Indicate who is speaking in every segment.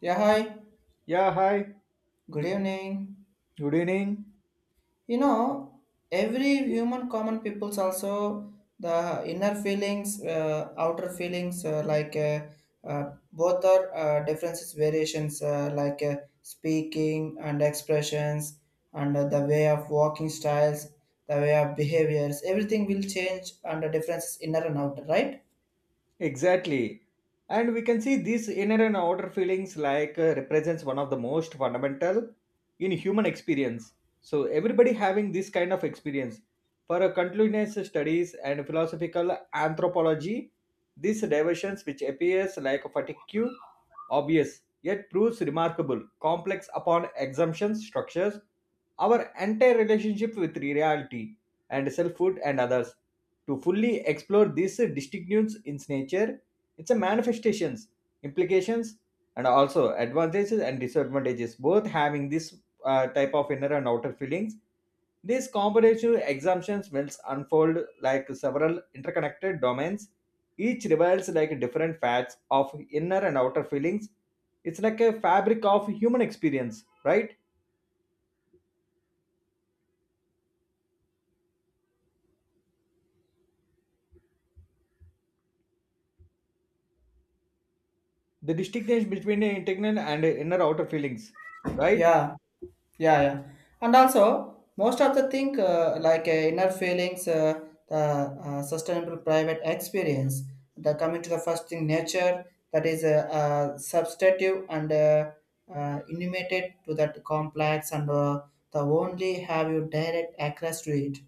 Speaker 1: Yeah, hi.
Speaker 2: Yeah, hi.
Speaker 1: Good evening.
Speaker 2: Good evening.
Speaker 1: You know, every human common people's also the inner feelings, outer feelings, both are differences, variations, speaking and expressions, and the way of walking styles, the way of behaviors. Everything will change under differences inner and outer, right?
Speaker 2: Exactly. And we can see these inner and outer feelings like represents one of the most fundamental in human experience. So everybody having this kind of experience. For a continuous studies and philosophical anthropology, these diversions which appears like a fatigue, obvious, yet proves remarkable, complex upon exemptions, structures, our entire relationship with reality and selfhood and others. To fully explore these distinctions in nature, its manifestations, implications, and also advantages and disadvantages, both having this type of inner and outer feelings, these comparative exemptions will unfold like several interconnected domains, each reveals like different facets of inner and outer feelings. It's like a fabric of human experience, right? The distinction between internal and inner outer feelings, right?
Speaker 1: Yeah, yeah, and also most of the thing inner feelings, the sustainable private experience, the coming to the first thing nature, that is a substantive and intimated to that complex, and the only have you direct access to it,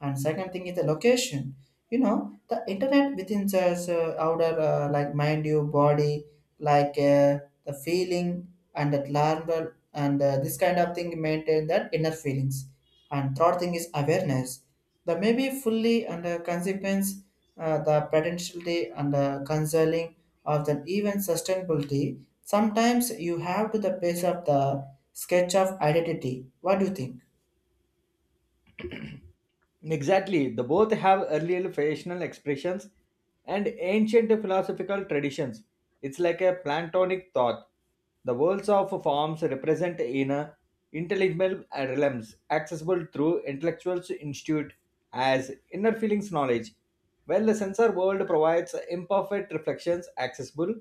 Speaker 1: and second thing is the location. You know the internet within us, outer, like mind you body like the feeling, and that learn, and this kind of thing maintain that inner feelings. And third thing is awareness, the maybe fully under consequence, the potentiality and the consoling of the even sustainability. Sometimes you have to the base of the sketch of identity. What do you think?
Speaker 2: Exactly. The both have earlier fashional expressions and ancient philosophical traditions. It's like a Platonic thought. The worlds of forms represent inner intelligible realms accessible through intellectual institute as inner feelings knowledge, while the sensor world provides imperfect reflections accessible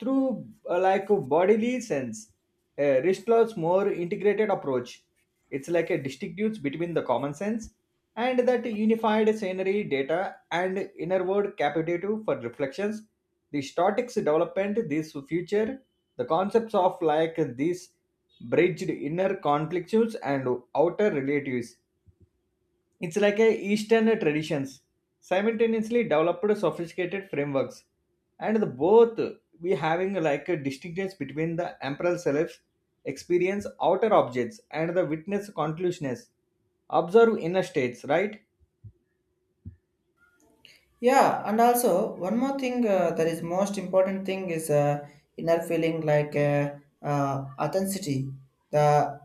Speaker 2: through like bodily sense. A Ristlaw's more integrated approach. It's like a distinct between the common sense and that unified scenery data and innerward capacitative for reflections, the statics development this future, the concepts of like these bridged inner conflicts and outer relatives. It's like a eastern traditions simultaneously developed sophisticated frameworks, and the both we having like a distinctness between the emperor self experience outer objects and the witness conclusiveness observe inner states, right?
Speaker 1: Yeah, and also one more thing, that is most important thing is, inner feeling, authenticity, the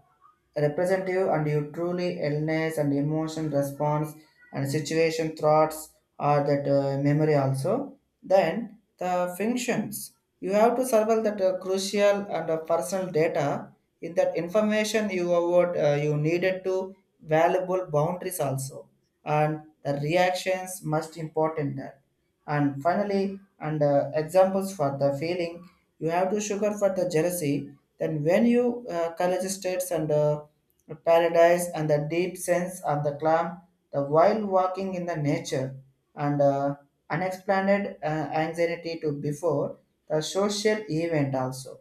Speaker 1: representative and you truly illness and emotion response and situation thoughts are that memory also. Then the functions you have to survive that crucial and personal data in that information you avoid, you needed to valuable boundaries also, and the reactions must important that. And finally, and examples for the feeling, you have to sugar for the jealousy. Then when you college states and paradise and the deep sense of the calm, the while walking in the nature, and unexplained anxiety to before the social event also.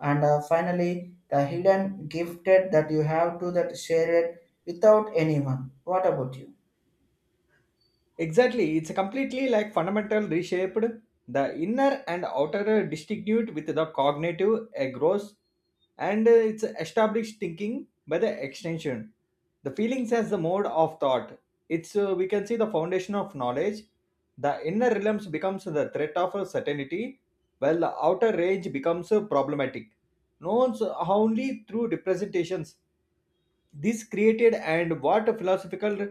Speaker 1: And finally, the hidden gifted that you have to that share it without anyone. What about you?
Speaker 2: Exactly, it's completely like fundamental reshaped the inner and outer distinguished with the cognitive a gross, and it's established thinking by the extension. The feelings as the mode of thought. It's we can see the foundation of knowledge. The inner realms becomes the threat of certainty, while the outer range becomes problematic. Known so, only through representations this created and what philosophical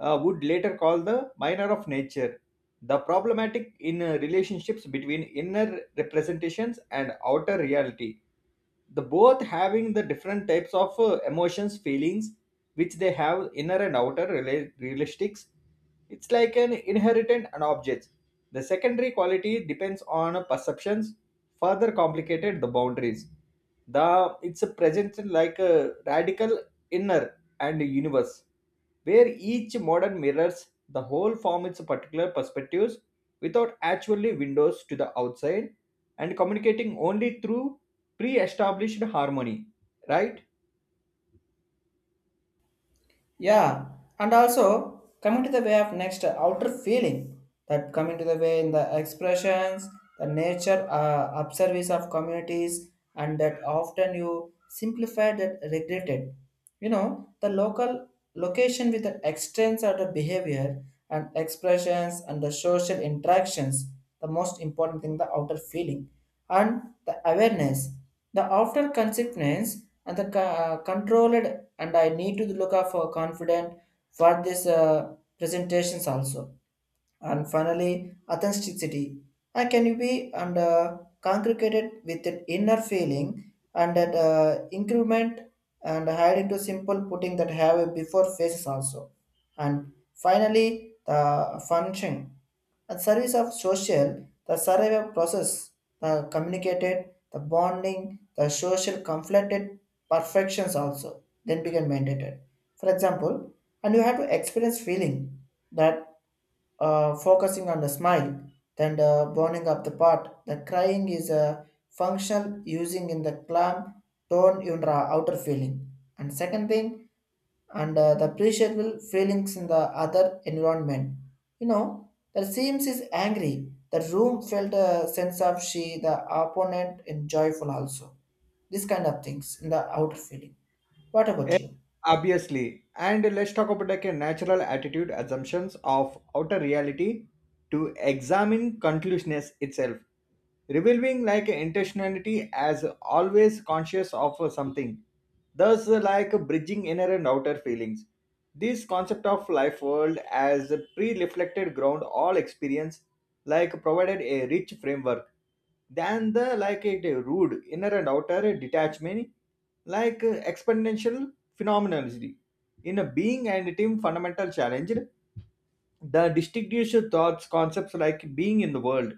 Speaker 2: would later call the minor of nature, the problematic in relationships between inner representations and outer reality, the both having the different types of emotions feelings which they have inner and outer realistics. It's like an inheritance and objects, the secondary quality depends on perceptions further complicated the boundaries. The it's a presence in like a radical inner and universe where each modern mirrors the whole form its particular perspectives without actually windows to the outside and communicating only through pre-established harmony, right?
Speaker 1: Yeah, and also coming to the way of next outer feeling, that coming to the way in the expressions, the nature, observance of communities, and that often you simplify that regretted. You know the local location with the extents of the behavior and expressions and the social interactions. The most important thing, the outer feeling and the awareness, the outer consequence and the controlled, and I need to look out for confident for these presentations also. And finally, authenticity. I can be and congregated with an inner feeling and that increment and hide into simple putting that have a before faces also. And finally, the function and service of social, the survival process, the communicated, the bonding, the social conflicted perfections also then become mandated. For example, and you have to experience feeling that focusing on the smile, then the burning up the part. The crying is a functional using in the clam tone in the outer feeling. And second thing, and the appreciable feelings in the other environment. You know, the seems is angry. The room felt a sense of she, the opponent, and joyful also. This kind of things in the outer feeling. What about
Speaker 2: Eh,
Speaker 1: you?
Speaker 2: obviously, and let's talk about like a natural attitude assumptions of outer reality to examine conclusiveness itself, revealing like intentionality as always conscious of something, thus like bridging inner and outer feelings. This concept of life world as a pre-reflected ground all experience like provided a rich framework than the like a rude inner and outer detachment, like exponential phenomenology in a being and team fundamental challenge, the distinguished thoughts concepts like being in the world,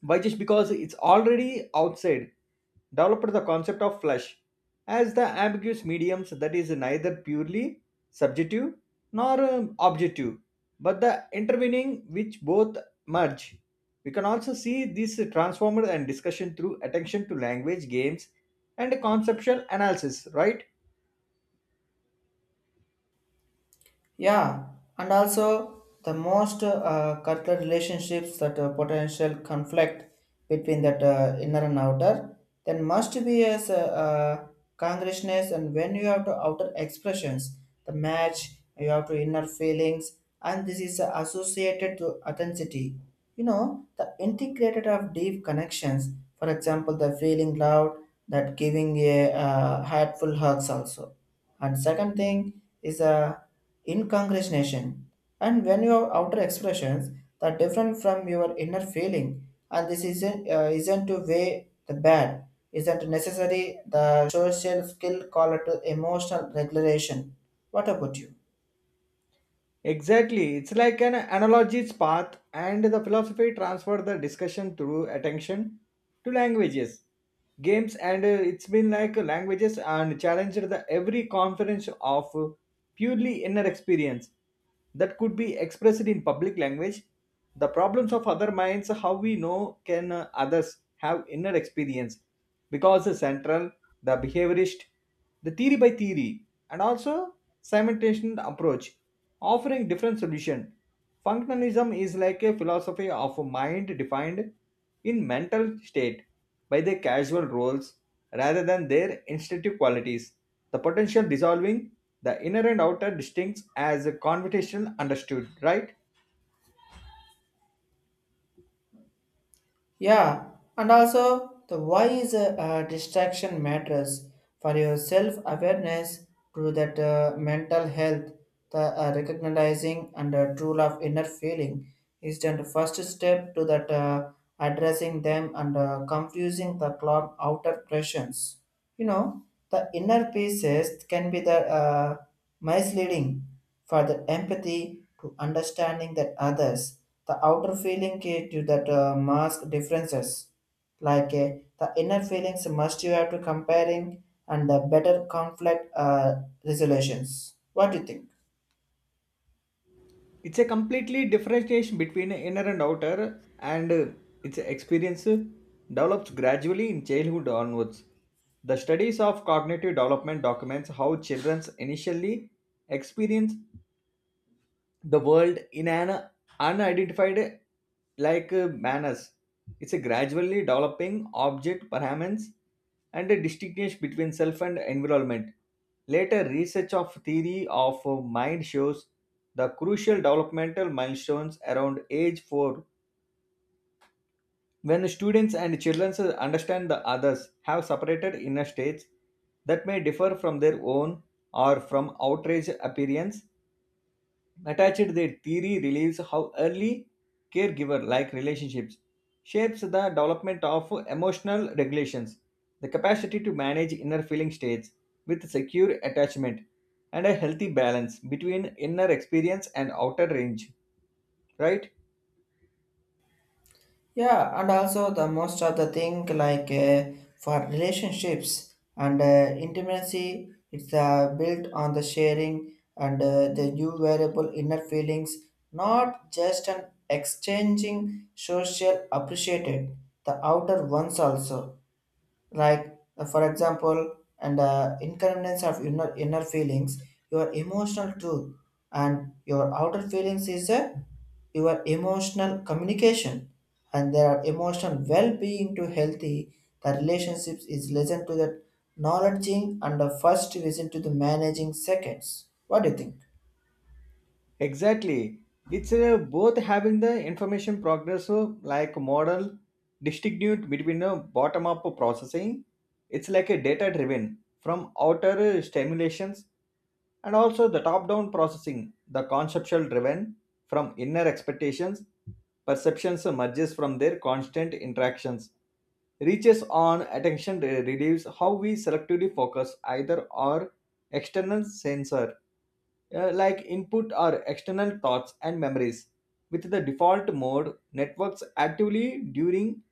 Speaker 2: why just because it's already outside, developed the concept of flesh as the ambiguous mediums that is neither purely subjective nor objective, but the intervening which both merge. We can also see this transformed and discussion through attention to language games and conceptual analysis, right?
Speaker 1: Yeah, and also the most cutlet relationships that potential conflict between that inner and outer, then must be as congruousness, and when you have to outer expressions, the match, you have to inner feelings, and this is associated to authenticity. You know, the integrated of deep connections, for example, the feeling loud, that giving a heartful hugs also. And second thing is a incongruation, and when your outer expressions are different from your inner feeling, and this isn't to weigh the bad, isn't necessary the social skill called to emotional regulation. What about you?
Speaker 2: Exactly. It's like an analogy's path, and the philosophy transferred the discussion through attention to languages, games, and it's been like languages and challenged the every conference of purely inner experience that could be expressed in public language. The problems of other minds, how we know can others have inner experience, because the central, the behaviorist, the theory by theory, and also simultaneous approach offering different solution. Functionalism is like a philosophy of a mind defined in mental state by their causal roles rather than their instinctive qualities. The potential dissolving the inner and outer distincts as a conversational understood, right?
Speaker 1: Yeah, and also the why is a, distraction matters for your self awareness to that mental health. The recognizing and tool of inner feeling is the first step to that addressing them and confusing the cloud outer pressures. You know, the inner pieces can be the misleading for the empathy to understanding that others. The outer feeling key to that mask differences. Like the inner feelings must you have to comparing and the better conflict resolutions. What do you think?
Speaker 2: It's a completely differentiation between inner and outer, and its experience develops gradually in childhood onwards. The studies of cognitive development documents how children initially experience the world in an unidentified manners. It's a gradually developing object permanence and a distinction between self and environment. Later research of theory of mind shows the crucial developmental milestones around age 4 when students and children understand the others have separated inner states that may differ from their own or from outrage appearance. Attached, their theory reveals how early caregiver like relationships shapes the development of emotional regulations, the capacity to manage inner feeling states with secure attachment, and a healthy balance between inner experience and outer range. Right?
Speaker 1: Yeah, and also the most of the thing like for relationships and intimacy, it's built on the sharing and the new variable inner feelings, not just an exchanging social appreciated, the outer ones also, for example, and inconvenience of inner feelings, your emotional truth, and your outer feelings is your emotional communication, and there are emotional well-being to healthy, the relationships is listen to that knowledging and the first reason to the managing seconds. What do you think?
Speaker 2: Exactly. It's both having the information progress like model distinguished between a bottom up processing, it's like a data driven from outer stimulations, and also the top down processing the conceptual driven from inner expectations, perceptions emerges from their constant interactions, reaches on attention reduce how we selectively focus either or external sensor like input or external thoughts and memories. With the default mode, networks actively during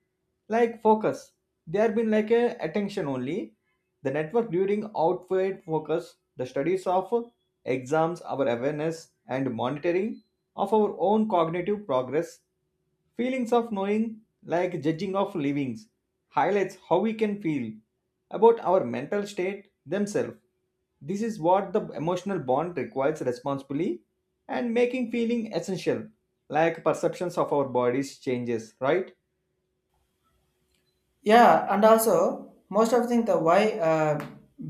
Speaker 2: like focus. They have been like a attention only. The network during outward focus, the studies of exams, our awareness and monitoring of our own cognitive progress, feelings of knowing, like judging of livings, highlights how we can feel about our mental state themselves. This is what the emotional bond requires responsibly and making feeling essential, like perceptions of our bodies changes, right?
Speaker 1: Yeah, and also most of the thing, the why,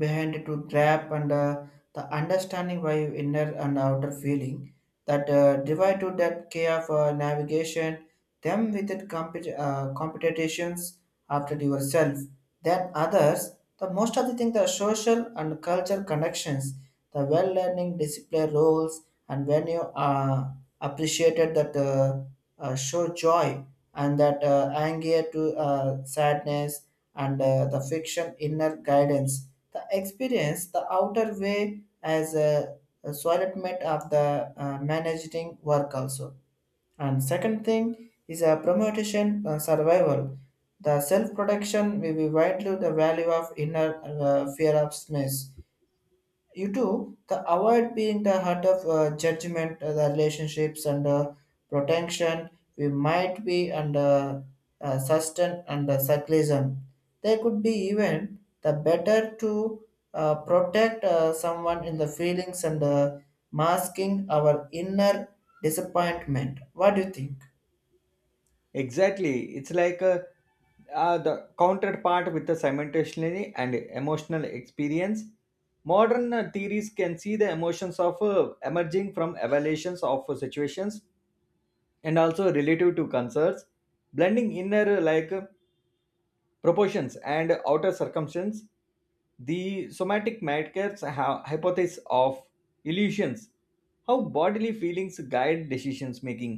Speaker 1: behind it to trap and the understanding why inner and outer feeling that divide to that care for navigation them with it competitions after yourself, then others. The most of the thing the social and cultural connections, the well learning discipline roles, and when you appreciated that show joy and that anger to sadness and the fiction inner guidance. The experience, the outer way as a solidment of the managing work also. And second thing is a promotion, survival. The self-protection will be widely the value of inner, fear of stress, you do the avoid being the heart of judgment, the relationships and protection. We might be under sustain and cyclism. They could be even the better to protect someone in the feelings and masking our inner disappointment. What do you think?
Speaker 2: Exactly. It's like a, the counterpart with the simultaneously and emotional experience. Modern theories can see the emotions of emerging from evaluations of situations, and also relative to concerns, blending inner proportions and outer circumstance, the somatic markers have hypothesis of illusions how bodily feelings guide decisions making.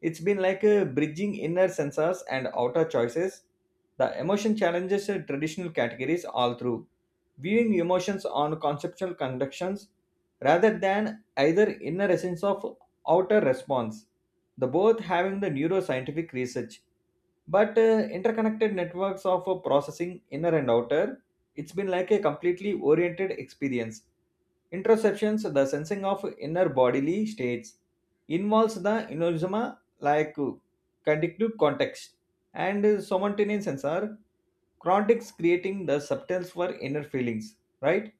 Speaker 2: It's been like a bridging inner sensors and outer choices, the emotion challenges the traditional categories all through viewing emotions on conceptual conductions rather than either inner essence of outer response. The both having the neuroscientific research, but interconnected networks of processing inner and outer, it's been like a completely oriented experience. Interoceptions the sensing of inner bodily states involves the inosoma conductive context, and somatonin sensor chrontics creating the substance for inner feelings, right?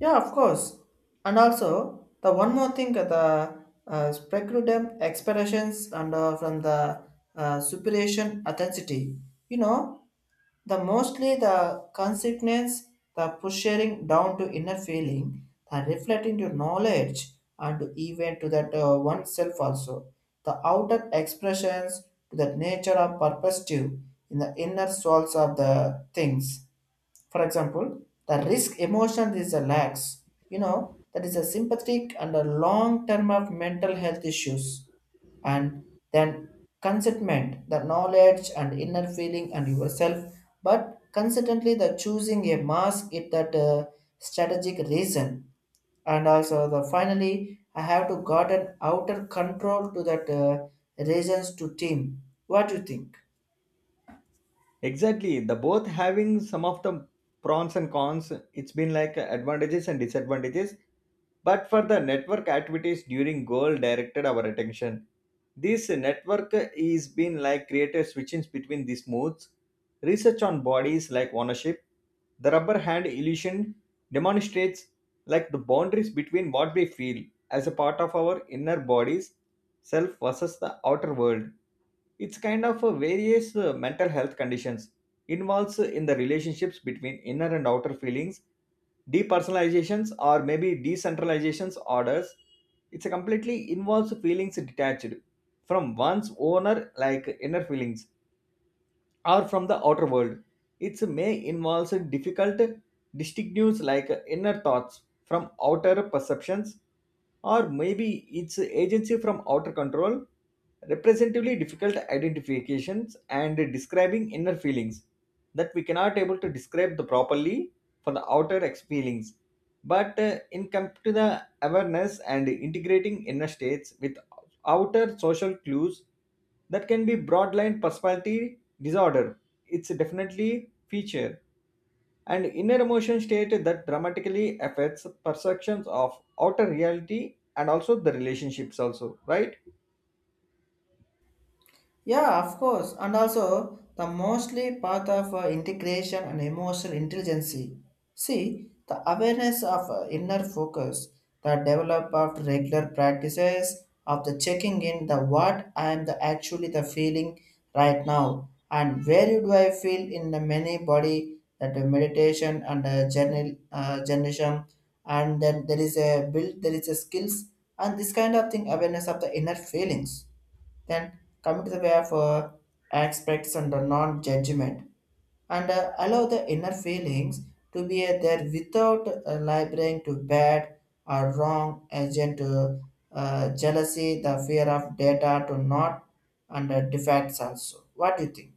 Speaker 1: Yeah, of course. And also, the one more thing, the speculative expressions and from the superation authenticity. You know, the mostly the consequence, the push sharing down to inner feeling, the reflecting to knowledge and to even to that oneself also. The outer expressions to the nature of perspective in the inner souls of the things. For example, the risk emotion is a lax, you know, that is a sympathetic and a long term of mental health issues. And then consentment, the knowledge and inner feeling and yourself, but consistently the choosing a mask it that strategic reason. And also the finally, I have to gotten outer control to that reasons to team. What do you think?
Speaker 2: Exactly. The both having some of the pros and cons. It's been like advantages and disadvantages. But for the network activities during goal directed our attention. This network is been like created switchings between these modes. Research on bodies like ownership. The rubber hand illusion demonstrates like the boundaries between what we feel as a part of our inner bodies, self versus the outer world. It's kind of a various mental health conditions involves in the relationships between inner and outer feelings, depersonalizations or maybe decentralizations orders. It's a completely involves feelings detached from one's owner like inner feelings or from the outer world. It may involve difficult distinctions like inner thoughts from outer perceptions, or maybe it's agency from outer control, representatively difficult identifications and describing inner feelings that we cannot able to describe the properly for the outer ex feelings. But in come to the awareness and integrating inner states with outer social clues that can be broadline personality disorder. It's definitely feature and inner emotion state that dramatically affects perceptions of outer reality and also the relationships also, right?
Speaker 1: Yeah, of course. And also, the mostly part of integration and emotional intelligence. See, the awareness of inner focus, the develop of regular practices of the checking in the what I am the actually the feeling right now, and where do I feel in the many body, that the meditation and journal journalism, and then there is a build there is a skills, and this kind of thing awareness of the inner feelings. Then come to the way of aspects and the non-judgment, and allow the inner feelings to be there without laboring to bad or wrong agent to jealousy, the fear of data to not, and defects also. What do you think?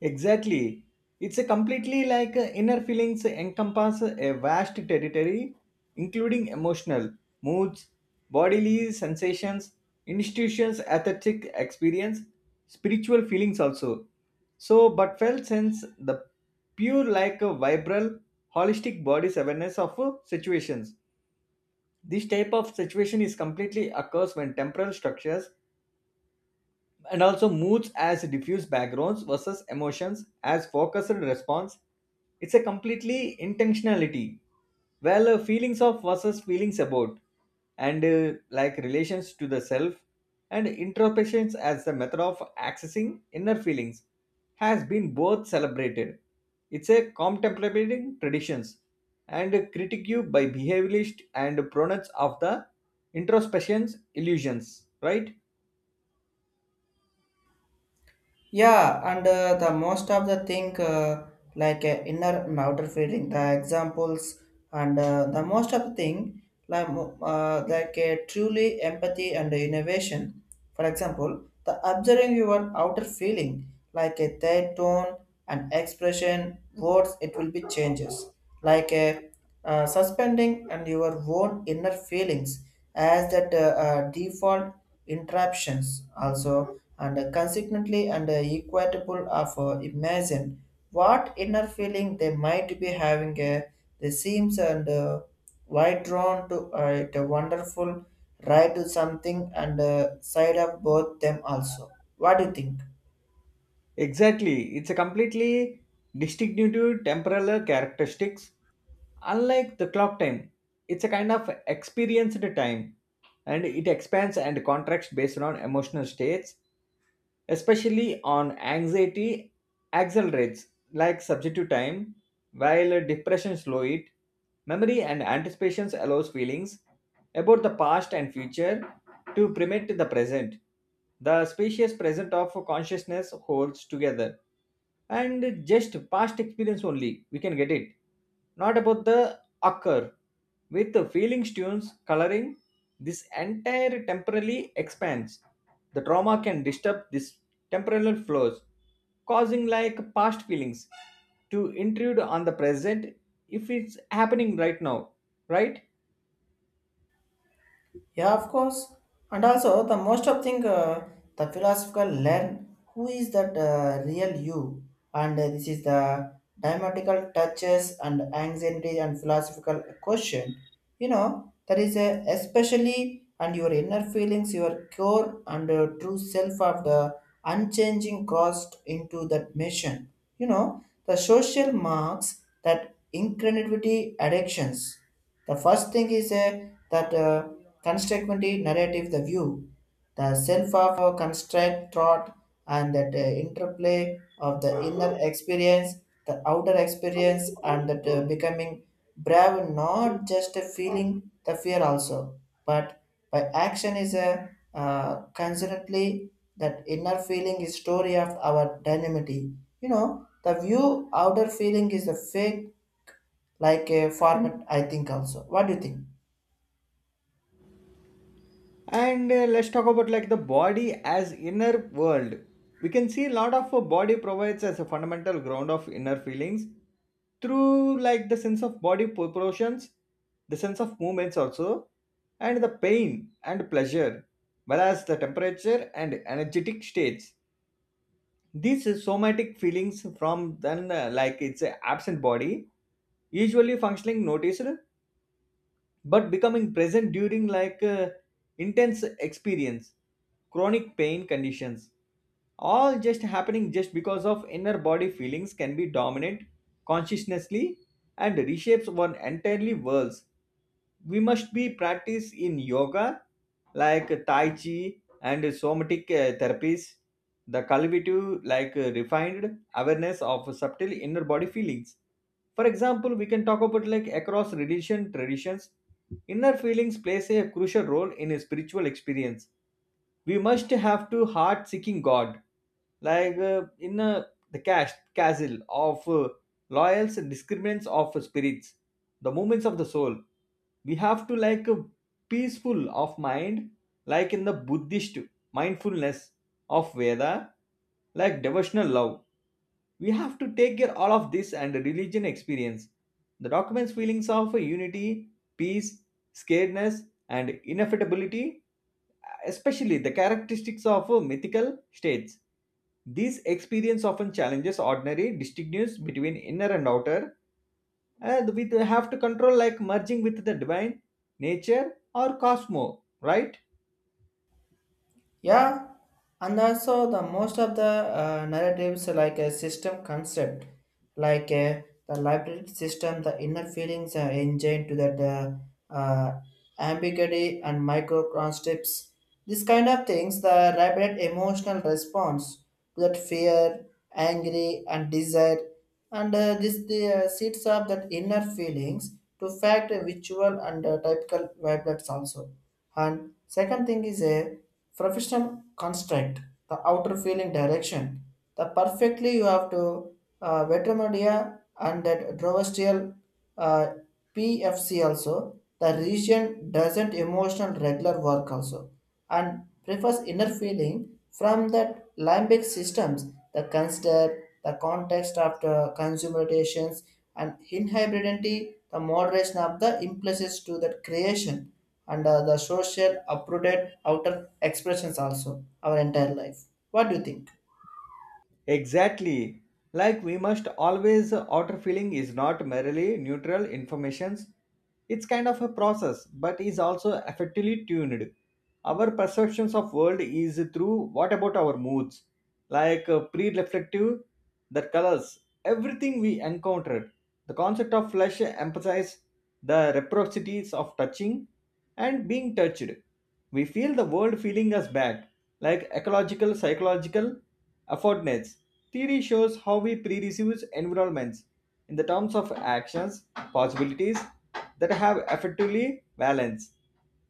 Speaker 2: Exactly. It's a completely inner feelings encompass a vast territory, including emotional, moods, bodily sensations, institutions, aesthetic experience, spiritual feelings also. So, but felt sense the pure like a vibral, holistic body's awareness of situations. This type of situation is completely occurs when temporal structures, and also moods as diffuse backgrounds versus emotions as focused response, it's a completely intentionality, well feelings of versus feelings about, and like relations to the self, and introspections as the method of accessing inner feelings has been both celebrated, it's a contemplating traditions and critiqued by behaviorist and proponents of the introspections illusions, right?
Speaker 1: Yeah, and the most of the thing inner and outer feeling, the examples, and the most of the thing like truly empathy and innovation. For example, the observing your outer feeling like a their tone and expression, words, it will be changes like a, suspending and your own inner feelings as that default interruptions also, and consequently and equitable of imagine what inner feeling they might be having, the seams, and why drawn to it a wonderful ride to something, and side of both them also. What do you think?
Speaker 2: Exactly. It's a completely distinctive temporal characteristics. Unlike the clock time, it's a kind of experienced time, and it expands and contracts based on emotional states, especially on anxiety, accelerates like subjective time while depression slow it, memory and anticipations allows feelings about the past and future to permit the present, the spacious present of consciousness holds together, and just past experience only we can get it, not about the occur. With the feelings, tunes, coloring, this entire temporally expands. The trauma can disturb this temporal flows, causing like past feelings to intrude on the present if it's happening right now, right?
Speaker 1: Yeah, of course. And also, the most of thing, the philosopher learn who is that real you, and this is the dramatical touches and anxiety and philosophical question. You know, there is a especially and your inner feelings, your core and true self of the unchanging cost into that mission. You know, the social marks that incredibly addictions. The first thing is, that constructivity narrative, the view, the self of construct thought, and that interplay of the inner experience, the outer experience, and that becoming brave, not just a feeling the fear also, but by action is a consonantly, that inner feeling is story of our dynamity. You know, the view outer feeling is the fake like a format, I think also. What do you think?
Speaker 2: And let's talk about like the body as inner world. We can see a lot of body provides as a fundamental ground of inner feelings through like the sense of body proportions, the sense of movements also, and the pain and pleasure, whereas the temperature and energetic states. These somatic feelings from then like it's a absent body, usually functioning noticed but becoming present during intense experience, chronic pain conditions, all just happening just because of inner body feelings can be dominant consciously and reshapes one entirely worlds. We must be practiced in yoga like tai chi and somatic therapies, the cultivative refined awareness of subtle inner body feelings. For example, we can talk about like across religion traditions, inner feelings plays a crucial role in a spiritual experience. We must have to heart seeking God, like in the castle of loyals and discriminants of spirits, the movements of the soul. We have to peaceful of mind, like in the Buddhist mindfulness of Veda, like devotional love. We have to take care all of this and religion experience the document's feelings of unity, peace, scaredness, and inevitability, especially the characteristics of mythical states. These experience often challenges ordinary distinctions between inner and outer, and we have to control like merging with the divine, nature, or cosmo, right?
Speaker 1: Yeah, and also the most of the narratives like a system concept, like uh, the library system, the inner feelings are engine to that uh, ambiguity and micro concepts. This kind of things the rapid emotional response to that fear, angry, and desire, and this the seeds of that inner feelings to fact visual and typical vibrates also. And second thing is a professional construct, the outer feeling direction, the perfectly you have to veterinaria and that drovestrial, uh, PFC also, the region doesn't emotional regular work also. And prefers inner feeling from that limbic systems that consider the context of the consummatations and inhibitantly the moderation of the impulses to that creation and the social uprooted outer expressions also our entire life. What do you think?
Speaker 2: Exactly. Like we must always outer feeling is not merely neutral informations. It's kind of a process, but is also effectively tuned. Our perceptions of world is through what about our moods, pre-reflective, the colors, everything we encountered. The concept of flesh emphasizes the reciprocities of touching and being touched. We feel the world feeling us back, like ecological, psychological effortness. Theory shows how we pre-receive environments in the terms of actions, possibilities that have effectively balance,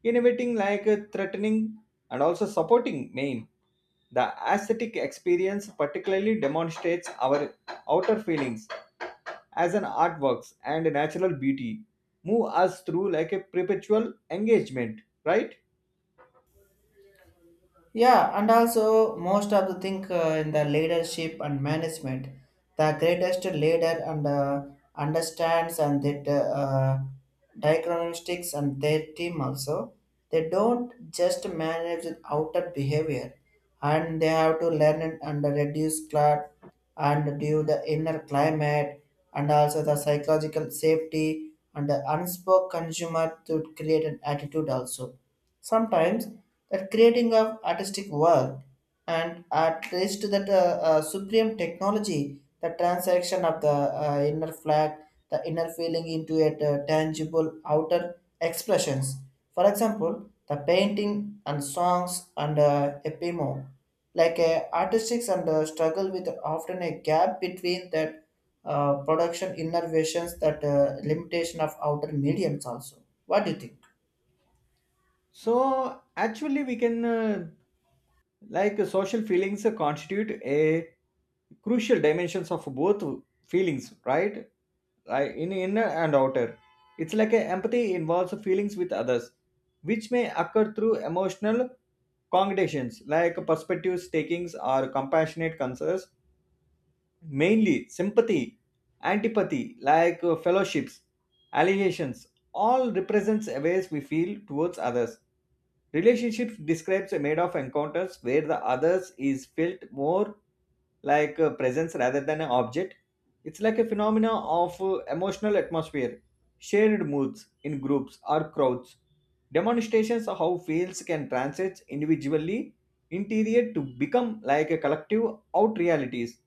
Speaker 2: innovating like threatening and also supporting main. The aesthetic experience particularly demonstrates our outer feelings as an artworks and natural beauty move us through like a perpetual engagement, right?
Speaker 1: Yeah, and also most of the thing, in the leadership and management, the greatest leader and understands and that diagnostics and their team also, they don't just manage with outer behavior, and they have to learn, and reduce clout and due the inner climate, and also the psychological safety and the unspoken consumer to create an attitude also. Sometimes that creating of artistic work and at least that supreme technology, the transaction of the inner flag, the inner feeling into a tangible outer expressions. For example, the painting and songs and epimo like a artistics, and struggle with often a gap between that production innovations, that limitation of outer mediums also. What do you think?
Speaker 2: So actually, we can social feelings constitute a crucial dimensions of both feelings, right? Like in inner and outer. It's like a empathy involves feelings with others, which may occur through emotional cognitions like perspectives, takings, or compassionate concerns. Mainly sympathy, antipathy, fellowships, allegations, all represents ways we feel towards others. Relationships describes a made of encounters where the others is felt more like a presence rather than an object. It's like a phenomena of emotional atmosphere, shared moods in groups or crowds, demonstrations of how fields can transit individually interior to become like a collective out realities.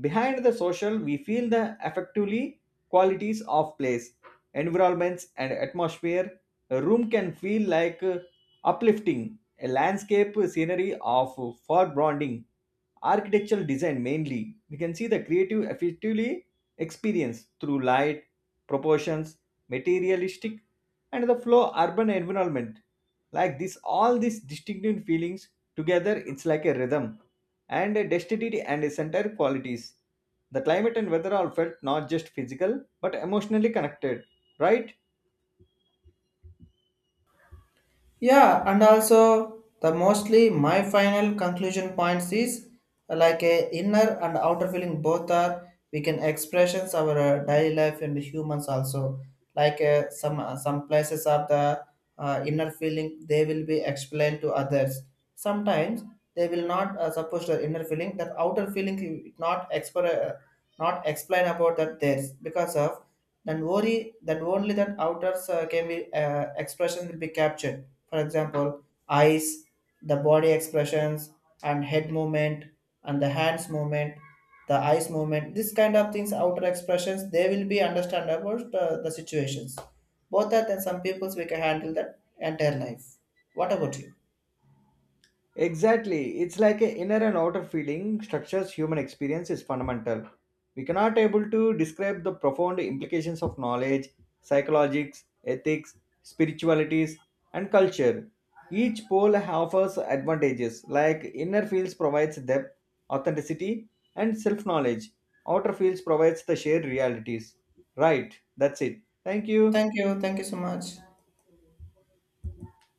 Speaker 2: Behind the social, we feel the effectively qualities of place, environments, and atmosphere. A room can feel uplifting, a landscape scenery of foregrounding, architectural design mainly. We can see the creative effectively experience through light, proportions, materialistic, and the flow urban environment. Like this, all these distinctive feelings together, it's like a rhythm and a density and a center qualities. The climate and weather are felt not just physical but emotionally connected, right?
Speaker 1: Yeah, and also the mostly my final conclusion points is, like a inner and outer feeling both are we can expressions our daily life and humans also. Some some places of the inner feeling they will be explained to others. Sometimes they will not, suppose the inner feeling, that outer feeling you not not explain about that theirs because of then worry, that only that outers can be expression will be captured. For example, eyes, the body expressions and head movement and the hands movement, the eyes movement, this kind of things outer expressions they will be understandable to the situations both that, and some peoples we can handle that entire life. What about you?
Speaker 2: Exactly. It's like a inner and outer feeling structures human experience is fundamental. We cannot able to describe the profound implications of knowledge, psychologics, ethics, spiritualities, and culture. Each pole offers advantages, like inner fields provides depth, authenticity, and self-knowledge. Outer fields provides the shared realities. Right, that's it. Thank you.
Speaker 1: Thank you, thank you so much.